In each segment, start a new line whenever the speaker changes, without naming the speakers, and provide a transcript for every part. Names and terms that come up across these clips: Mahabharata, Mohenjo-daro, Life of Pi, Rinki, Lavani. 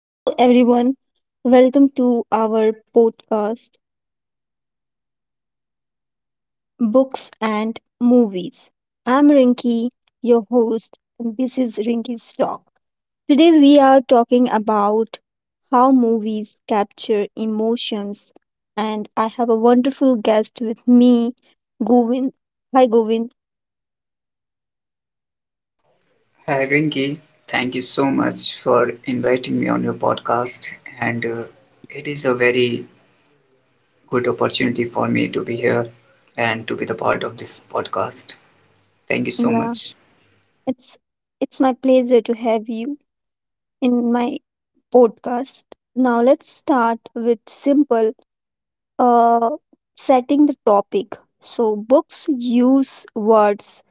Hello, everyone. Welcome to our podcast, Books and Movies. I'm Rinki, your host, and this is Rinki's Talk. Today, we are talking about how movies capture emotions, and I have a wonderful guest with me, Govind. Hi, Govind.
Hi Rinki, thank you so much for inviting me on your podcast. And It is a very good opportunity for me to be here and to be the part of this podcast. Thank you so
Yeah,
much.
it's it's my pleasure to have you in my podcast. Now, let's start with simple uh, setting the topic. So, books use words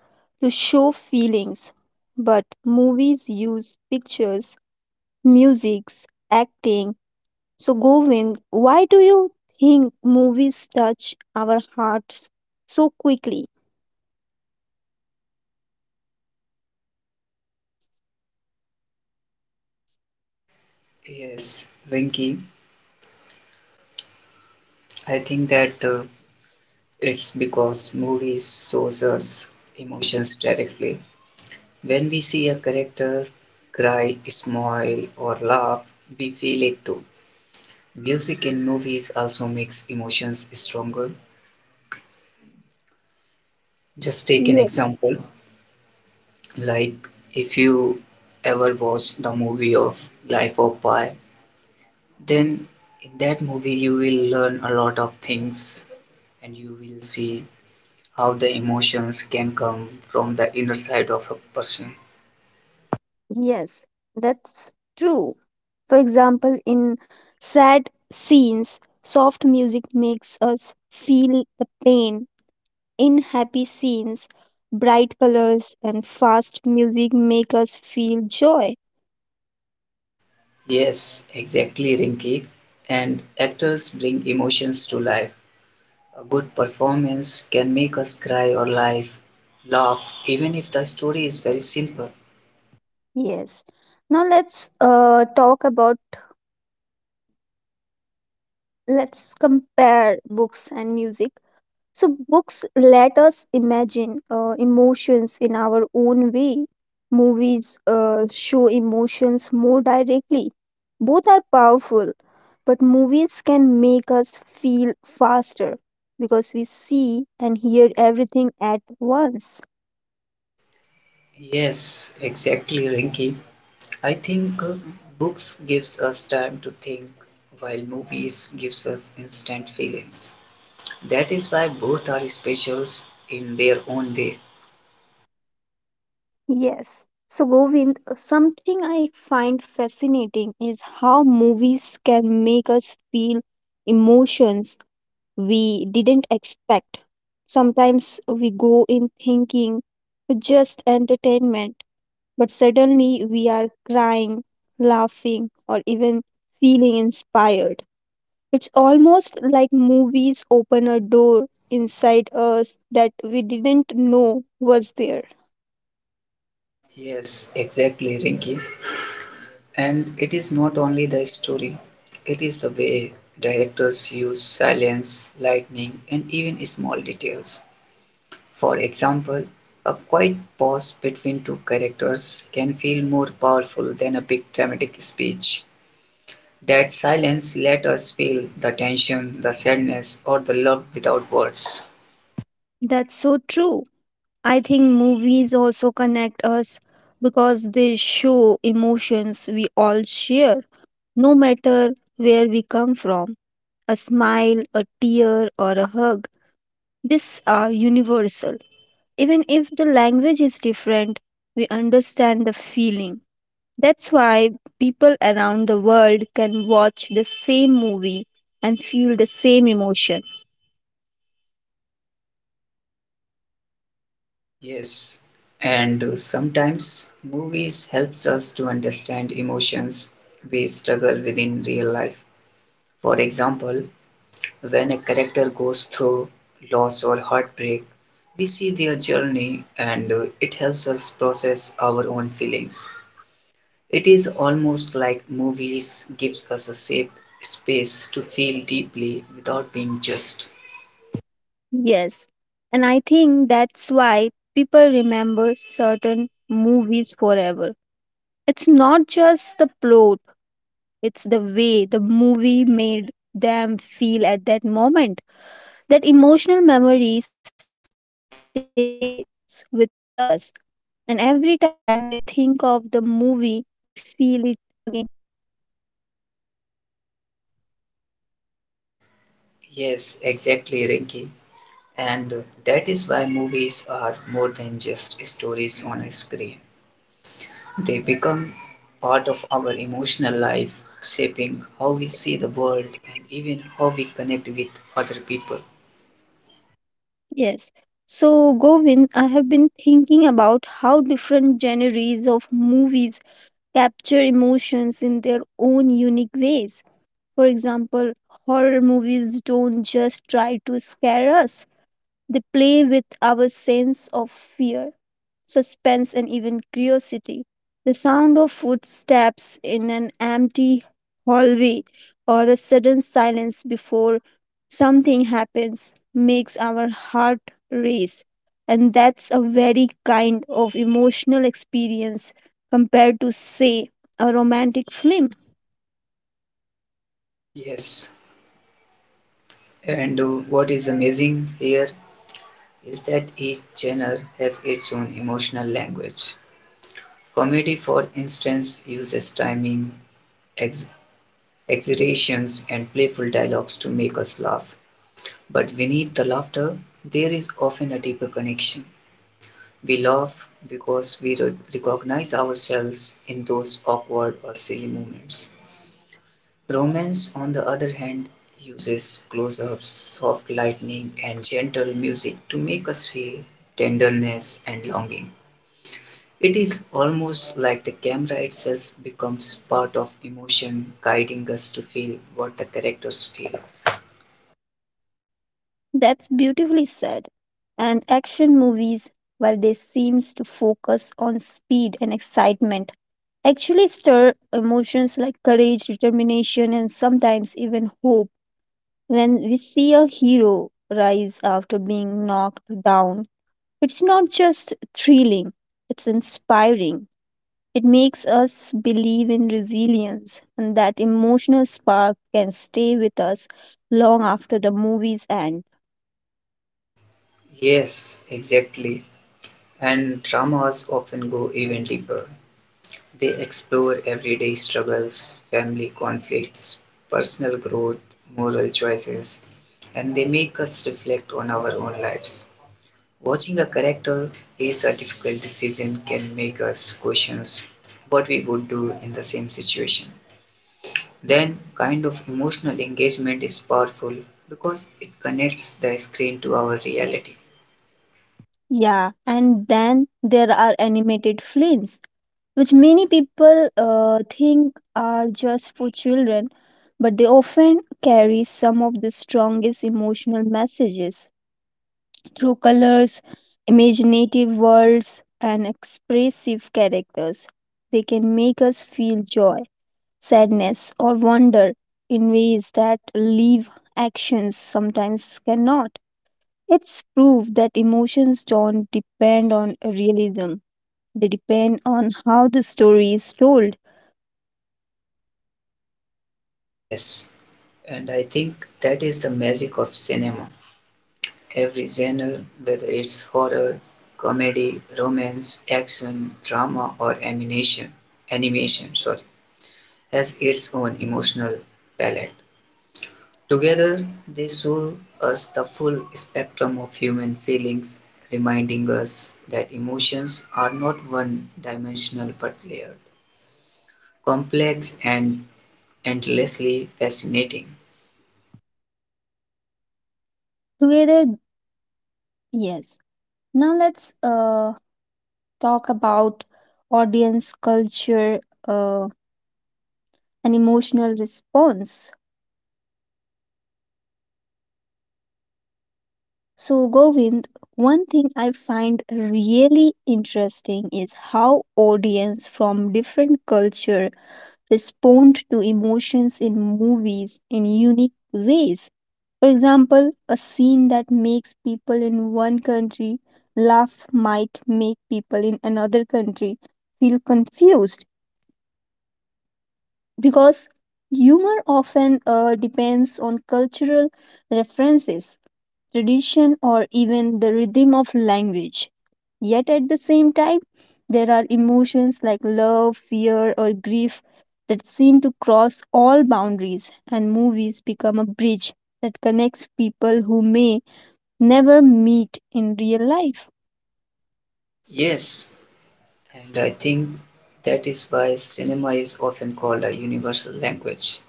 to show feelings, but movies use pictures, musics, acting. So, Govind, why do you think movies touch our hearts so quickly?
Yes, Rinki, I think that it's because movies shows us emotions directly. When we see a character cry, smile, or laugh, we feel it too. Music in movies also makes emotions stronger. Just take an
Yes,
example, like if you ever watch the movie of Life of Pi, then in that movie you will learn a lot of things and you will see how the emotions can come from the inner side of a person.
yes, that's true. For example, in sad scenes, soft music makes us feel the pain. In happy scenes, bright colors and fast music make us feel joy.
Yes, exactly, Rinki. And actors bring emotions to life. A good performance can make us cry or laugh, even if the story is very simple.
Yes. Now let's compare books and music. So, books let us imagine emotions in our own way. Movies show emotions more directly. Both are powerful, but movies can make us feel faster because we see and hear everything at once.
Yes, exactly, Rinki. I think books gives us time to think while movies gives us instant feelings. That is why both are specials in their own way.
Yes. So, Govind, something I find fascinating is how movies can make us feel emotions we didn't expect. Sometimes we go in thinking just entertainment, but suddenly we are crying, laughing, or even feeling inspired. It's almost like movies open a door inside us that we didn't know was there.
Yes, exactly, Rinki. And it is not only the story, it is the way directors use silence, lightning, and even small details. For example, a quiet pause between two characters can feel more powerful than a big dramatic speech. That silence let us feel the tension, the sadness, or the love without words.
That's so true. I think movies also connect us because they show emotions we all share, no matter where we come from. A smile, a tear, or a hug, these are universal. Even if the language is different, we understand the feeling. That's why people around the world can watch the same movie and feel the same emotion.
Yes, and sometimes movies helps us to understand emotions we struggle with in real life. For example, when a character goes through loss or heartbreak, we see their journey and it helps us process our own feelings. It is almost like movies gives us a safe space to feel deeply without being judged.
Yes, and I think that's why people remember certain movies forever. It's not just the plot, it's the way the movie made them feel at that moment. That emotional memory stays with us. And every time we think of the movie, we feel it again.
Yes, exactly, Rinky. And that is why movies are more than just stories on a screen. They become part of our emotional life, shaping how we see the world and even how we connect with other people.
Yes. So, Govind, I have been thinking about how different genres of movies capture emotions in their own unique ways. For example, horror movies don't just try to scare us, they play with our sense of fear, suspense, and even curiosity. The sound of footsteps in an empty hallway or a sudden silence before something happens makes our heart race. And that's a very kind of emotional experience compared to, say, a romantic film.
Yes, and what is amazing here is that each genre has its own emotional language. Comedy, for instance, uses timing, ex- exaggerations, and playful dialogues to make us laugh. But beneath the laughter, there is often a deeper connection. We laugh because we recognize ourselves in those awkward or silly moments. Romance, on the other hand, uses close ups, soft lightning, and gentle music to make us feel tenderness and longing. It is almost like the camera itself becomes part of emotion, guiding us to feel what the characters feel.
That's beautifully said. And action movies, while they seems to focus on speed and excitement, actually stir emotions like courage, determination, and sometimes even hope. When we see a hero rise after being knocked down, it's not just thrilling, it's inspiring. It makes us believe in resilience, and that emotional spark can stay with us long after the movie's end.
Yes, exactly. And dramas often go even deeper. They explore everyday struggles, family conflicts, personal growth, moral choices, and they make us reflect on our own lives. Watching a character face a difficult decision can make us question what we would do in the same situation. Then, kind of emotional engagement is powerful because it connects the screen to our reality.
Yeah, and then there are animated films, which many people think are just for children, but they often carry some of the strongest emotional messages through colors, imaginative worlds, and expressive characters. They can make us feel joy, sadness, or wonder in ways that live actions sometimes cannot. It's proof that emotions don't depend on realism, they depend on how the story is told.
Yes, and I think that is the magic of cinema. Every genre, whether it's horror, comedy, romance, action, drama, or animation, sorry, has its own emotional palette. Together, they show us the full spectrum of human feelings, reminding us that emotions are not one-dimensional but layered, complex, and endlessly fascinating.
Together, yes. Now let's talk about audience culture uh, and emotional response. So, Govind, one thing I find really interesting is how audience from different culture respond to emotions in movies in unique ways. For example, a scene that makes people in one country laugh might make people in another country feel confused because humor often depends on cultural references, tradition, or even the rhythm of language. Yet at the same time, there are emotions like love, fear, or grief that seem to cross all boundaries, and movies become a bridge that connects people who may never meet in real life.
Yes, and I think that is why cinema is often called a universal language.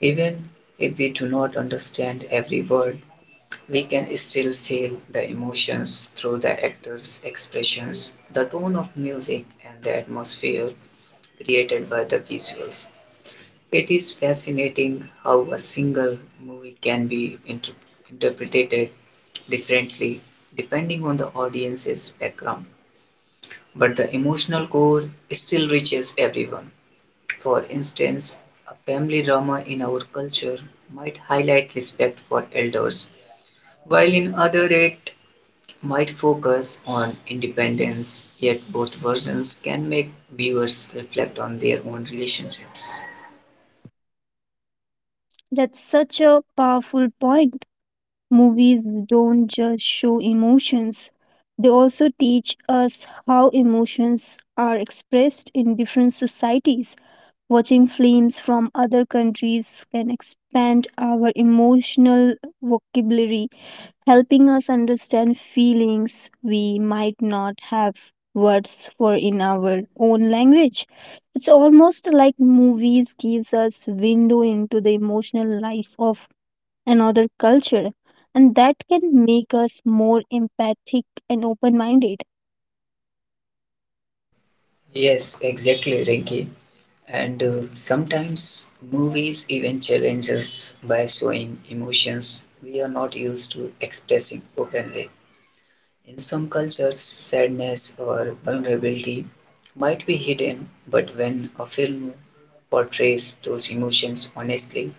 Even if we do not understand every word, we can still feel the emotions through the actors' expressions, the tone of music, and the atmosphere created by the visuals. It is fascinating how a single movie can be interpreted differently depending on the audience's background, but the emotional core still reaches everyone. For instance, a family drama in our culture might highlight respect for elders, while in other it might focus on independence, yet both versions can make viewers reflect on their own relationships.
That's such a powerful point. Movies don't just show emotions, they also teach us how emotions are expressed in different societies. Watching films from other countries can expand our emotional vocabulary, helping us understand feelings we might not have words for in our own language. It's almost like movies gives us window into the emotional life of another culture, and that can make us more empathic and open-minded.
Yes, exactly, Rinki. And Sometimes movies even challenge us by showing emotions we are not used to expressing openly. In some cultures, sadness or vulnerability might be hidden, but when a film portrays those emotions honestly,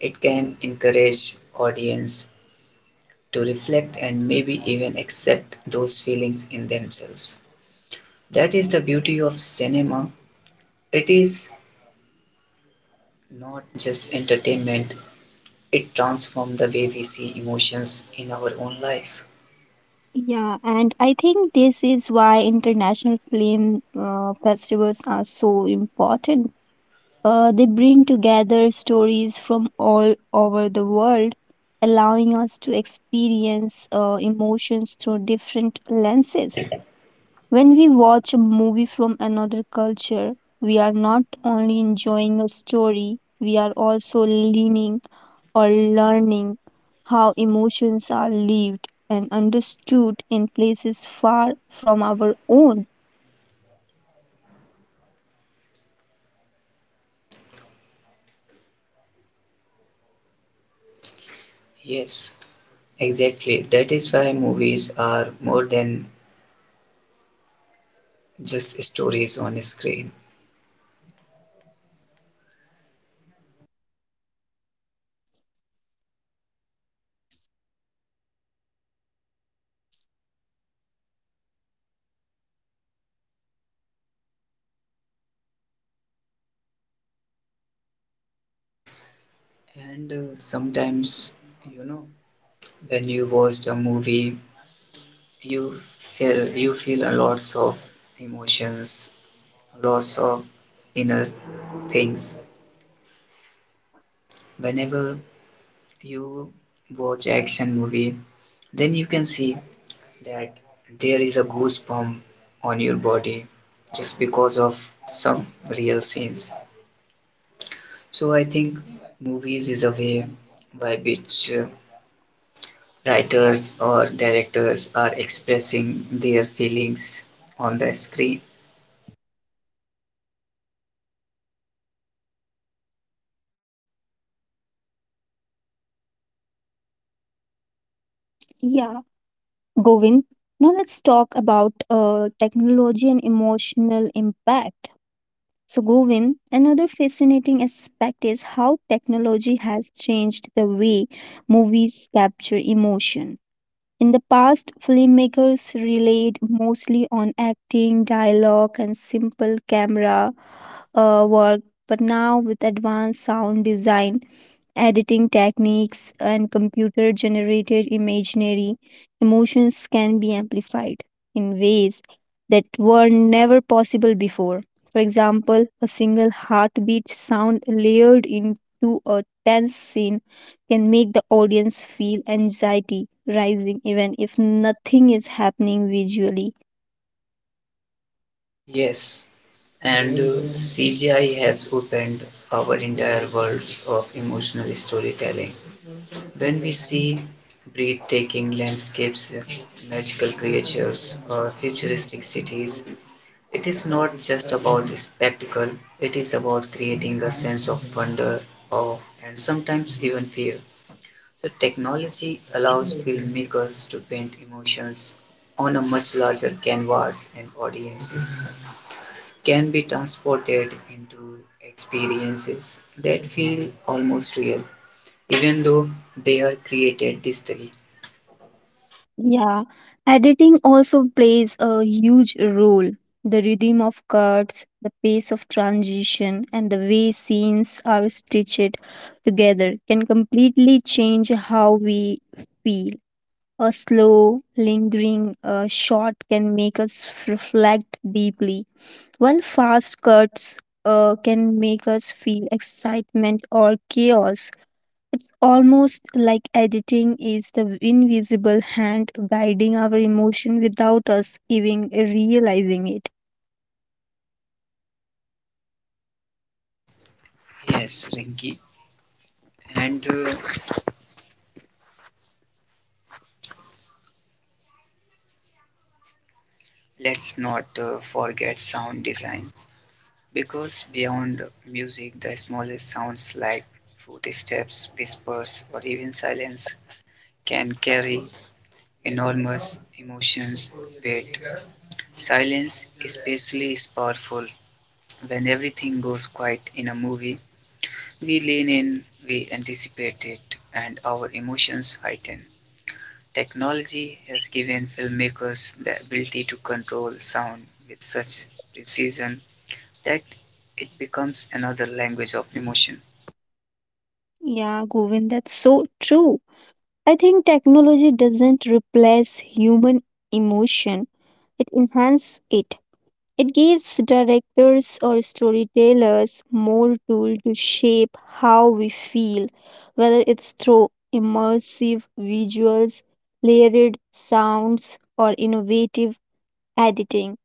it can encourage audience to reflect and maybe even accept those feelings in themselves. That is the beauty of cinema. It is not just entertainment, it transforms the way we see emotions in our own life.
Yeah, and I think this is why international film festivals are so important. They bring together stories from all over the world, allowing us to experience emotions through different lenses. When we watch a movie from another culture, we are not only enjoying a story, we are also leaning or learning how emotions are lived and understood in places far from our own.
Yes, exactly. That is why movies are more than just stories on screen. And Sometimes, you know, when you watched a movie, you feel a lots of emotions, lots of inner things. Whenever you watch action movie, then you can see that there is a goosebump on your body just because of some real scenes. So I think movies is a way by which writers or directors are expressing their feelings on the screen.
Yeah, Govind. Now let's talk about technology and emotional impact. So, Govind, another fascinating aspect is how technology has changed the way movies capture emotion. In the past, filmmakers relied mostly on acting, dialogue, and simple camera work, but now with advanced sound design, editing techniques, and computer generated imaginary, emotions can be amplified in ways that were never possible before. For example, a single heartbeat sound layered into a tense scene can make the audience feel anxiety rising even if nothing is happening visually.
Yes, and CGI has opened our entire worlds of emotional storytelling. When we see breathtaking landscapes, magical creatures, or futuristic cities, it is not just about spectacle, it is about creating a sense of wonder, awe, and sometimes even fear. The technology allows filmmakers to paint emotions on a much larger canvas and audiences can be transported into experiences that feel almost real, even though they are created digitally.
Yeah, editing also plays a huge role. The rhythm of cuts, the pace of transition, and the way scenes are stitched together can completely change how we feel. A slow, lingering shot can make us reflect deeply, while fast cuts can make us feel excitement or chaos. It's almost like editing is the invisible hand guiding our emotion without us even realizing it.
Yes, Rinky. And let's not forget sound design because beyond music, the smallest sounds like footsteps, whispers, or even silence can carry enormous emotions wait. Silence especially is powerful. When everything goes quiet in a movie, we lean in, we anticipate it, and our emotions heighten. Technology has given filmmakers the ability to control sound with such precision that it becomes another language of emotion.
Yeah, Govind, that's so true. I think technology doesn't replace human emotion, it enhances it. It gives directors or storytellers more tool to shape how we feel, whether it's through immersive visuals, layered sounds, or innovative editing.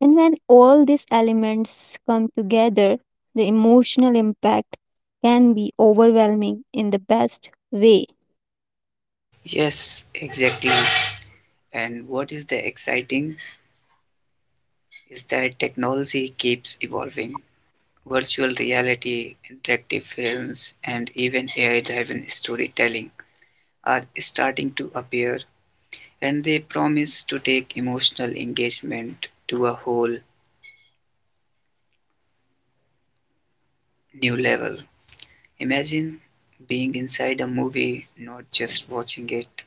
And when all these elements come together, the emotional impact can be overwhelming in the best way.
Yes, exactly. And what is the exciting is that technology keeps evolving. Virtual reality, interactive films, and even AI driven storytelling are starting to appear, and they promise to take emotional engagement to a whole new level. Imagine being inside a movie, not just watching it,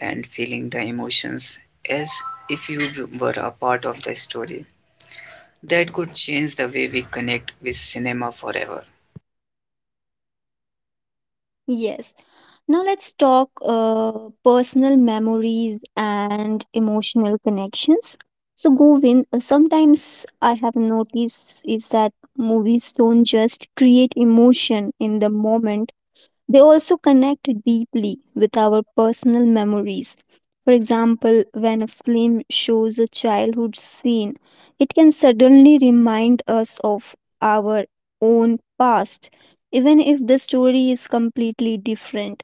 and feeling the emotions as if you were a part of the story. That could change the way we connect with cinema forever.
Yes. Now let's talk personal memories and emotional connections. So Govin, sometimes I have noticed is that movies don't just create emotion in the moment. They also connect deeply with our personal memories. For example, when a film shows a childhood scene, it can suddenly remind us of our own past, even if the story is completely different.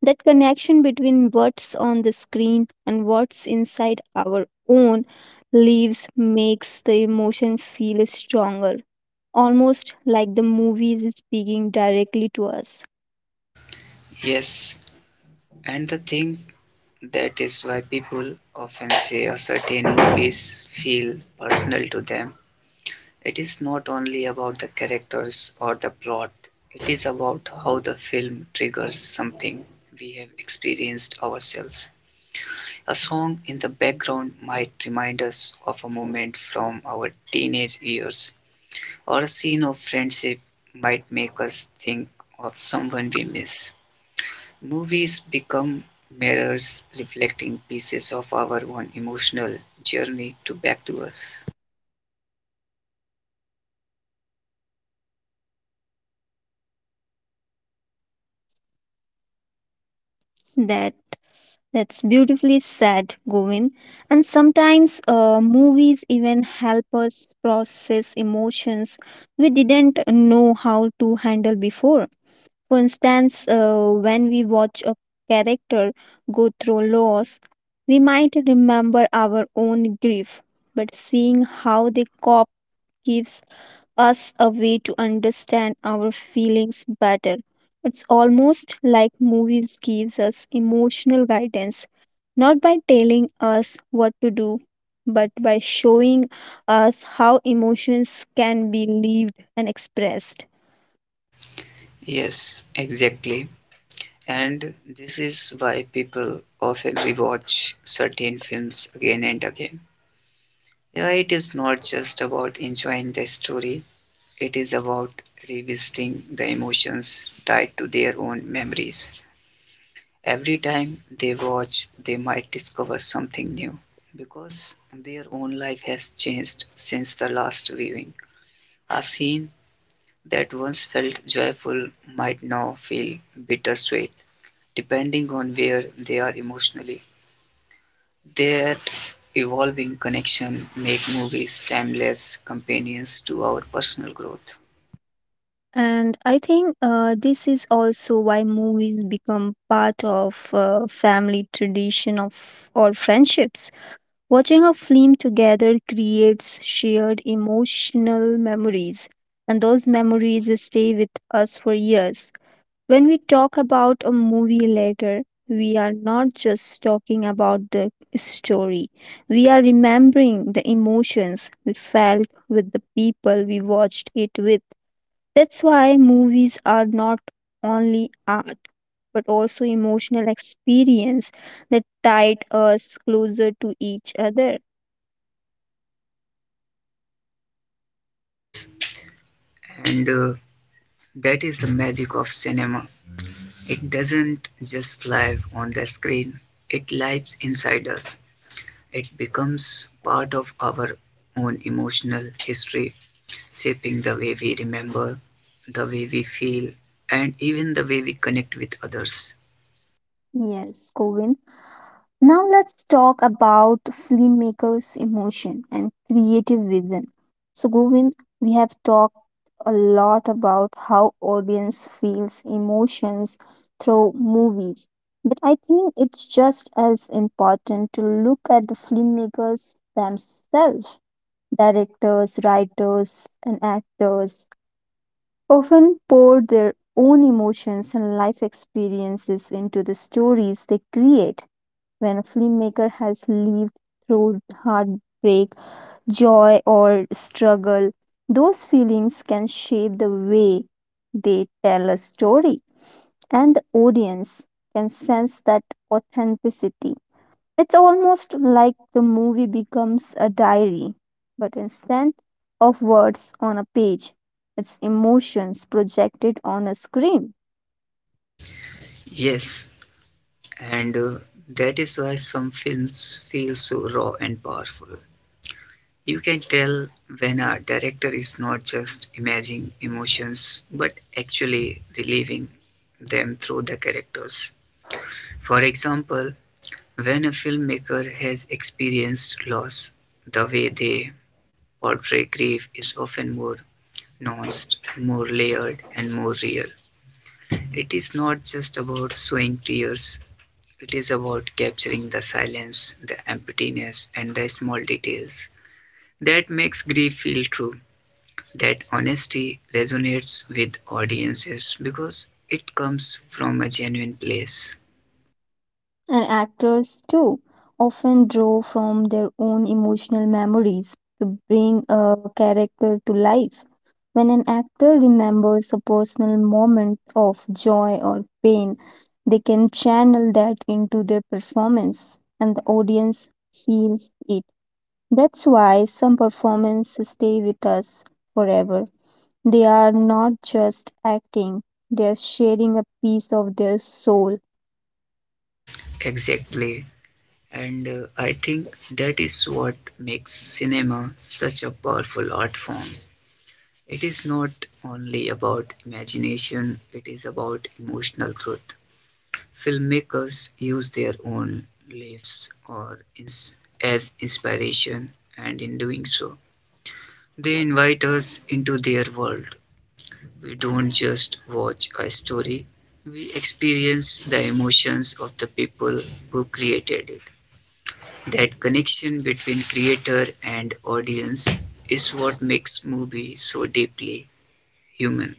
That connection between what's on the screen and what's inside our own lives makes the emotion feel stronger, almost like the movie is speaking directly to us.
Yes, and the thing that is why people often say a certain movies feel personal to them. It is not only about the characters or the plot, it is about how the film triggers something we have experienced ourselves. A song in the background might remind us of a moment from our teenage years, or a scene of friendship might make us think of someone we miss. Movies become mirrors reflecting pieces of our own emotional journey to back to us.
That That's beautifully said, Govin. And sometimes movies even help us process emotions we didn't know how to handle before. For instance, when we watch a character go through loss, we might remember our own grief, but seeing how they cope gives us a way to understand our feelings better. It's almost like movies gives us emotional guidance, not by telling us what to do, but by showing us how emotions can be lived and expressed.
Yes, exactly. And this is why people often rewatch certain films again and again. Yeah, it is not just about enjoying the story, it is about revisiting the emotions tied to their own memories. Every time they watch, they might discover something new because their own life has changed since the last viewing. A scene that once felt joyful might now feel bittersweet, depending on where they are emotionally. That evolving connection makes movies timeless companions to our personal growth.
And I think this is also why movies become part of family tradition of or friendships. Watching a film together creates shared emotional memories, and those memories stay with us for years. When we talk about a movie later, we are not just talking about the story, we are remembering the emotions we felt with the people we watched it with. That's why movies are not only art, but also emotional experience that tied us closer to each other.
Yes, and that is the magic of cinema. It doesn't just live on the screen, it lives inside us. It becomes part of our own emotional history, shaping the way we remember, the way we feel, and even the way we connect with others.
Yes, Govin. Now let's talk about filmmakers' emotion and creative vision. So, Govin, we have talked a lot about how audience feels emotions through movies, but I think it's just as important to look at the filmmakers themselves. Directors, writers, and actors often pour their own emotions and life experiences into the stories they create. When a filmmaker has lived through heartbreak, joy, or struggle, those feelings can shape the way they tell a story, and the audience can sense that authenticity. It's almost like the movie becomes a diary, but instead of words on a page, it's emotions projected on a screen.
Yes, and that is why some films feel so raw and powerful. You can tell when a director is not just imagining emotions but actually reliving them through the characters. For example, when a filmmaker has experienced loss, the way they portray grief is often more nuanced, more layered, and more real. It is not just about showing tears, it is about capturing the silence, the emptiness, and the small details that makes grief feel true. That honesty resonates with audiences because it comes from a genuine place.
And actors, too, often draw from their own emotional memories to bring a character to life. When an actor remembers a personal moment of joy or pain, they can channel that into their performance, and the audience feels it. That's why some performances stay with us forever. They are not just acting, they are sharing a piece of their soul.
Exactly. And I think that is what makes cinema such a powerful art form. It is not only about imagination, it is about emotional truth. Filmmakers use their own lives or as inspiration, and in doing so, they invite us into their world. We don't just watch a story, we experience the emotions of the people who created it. That connection between creator and audience is what makes movies so deeply human.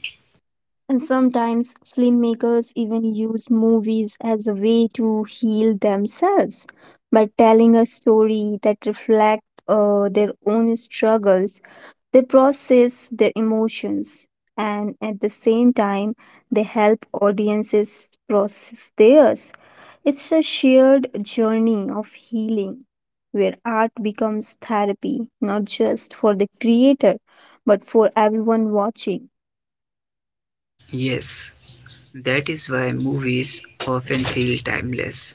And sometimes filmmakers even use movies as a way to heal themselves by telling a story that reflects their own struggles. They process their emotions, and at the same time they help audiences process theirs. It's a shared journey of healing where art becomes therapy, not just for the creator, but for everyone watching.
Yes, that is why movies often feel timeless.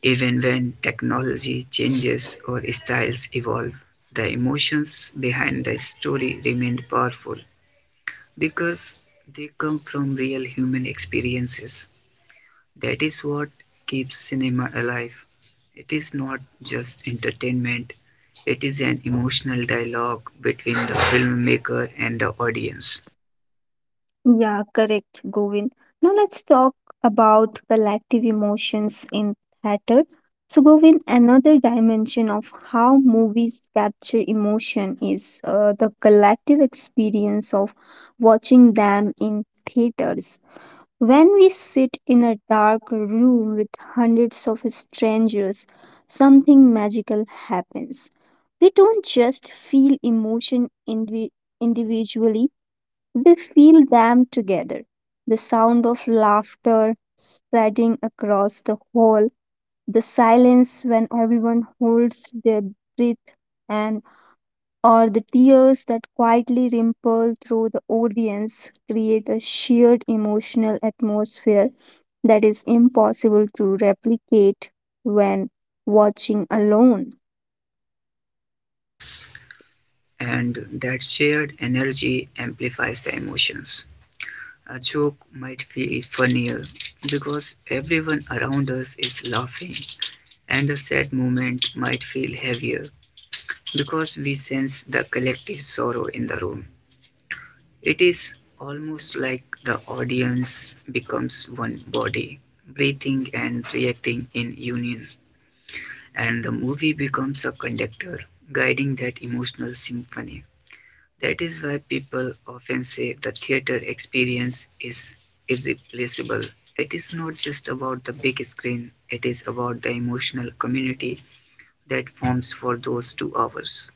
Even when technology changes or styles evolve, the emotions behind the story remain powerful because they come from real human experiences. That is what keeps cinema alive. It is not just entertainment, it is an emotional dialogue between the filmmaker and the audience.
Yeah, correct, Govind. Now let's talk about collective emotions in theater. So, Govind, another dimension of how movies capture emotion is the collective experience of watching them in theaters. When we sit in a dark room with hundreds of strangers, something magical happens. We don't just feel emotion individually, we feel them together. The sound of laughter spreading across the hall, the silence when everyone holds their breath, and or the tears that quietly ripple through the audience create a shared emotional atmosphere that is impossible to replicate when watching alone.
Yes, and that shared energy amplifies the emotions. A joke might feel funnier because everyone around us is laughing, and a sad moment might feel heavier because we sense the collective sorrow in the room. It is almost like the audience becomes one body, breathing and reacting in union, and the movie becomes a conductor, guiding that emotional symphony. That is why people often say the theater experience is irreplaceable. It is not just about the big screen, it is about the emotional community that forms for those 2 hours.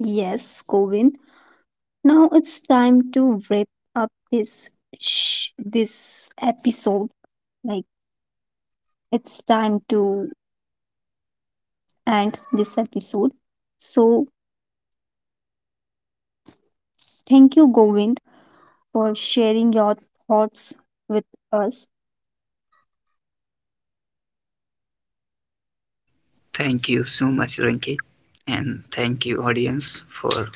Yes, Govin, now it's time to wrap up this episode, like it's time to end this episode. So, thank you, Govind, for sharing your thoughts with us.
Thank you so much, Rinki, and thank you, audience, for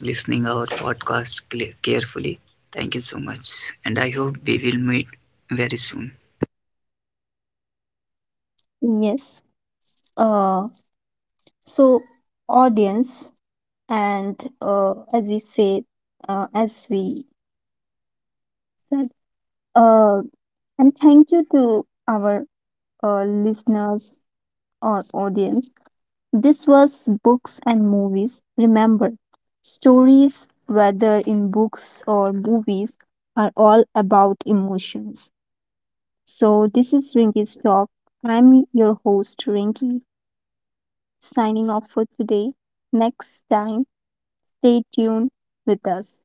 listening our podcast carefully. Thank you so much, and I hope we will meet very soon.
Yes. Uh, so, audience, and as we say, as we said, uh, and thank you to our listeners or audience. This was Books and Movies. Remember, stories, whether in books or movies, are all about emotions. So, this is Rinky's Talk. I'm your host, Rinky, signing off for today. Next time, stay tuned with us.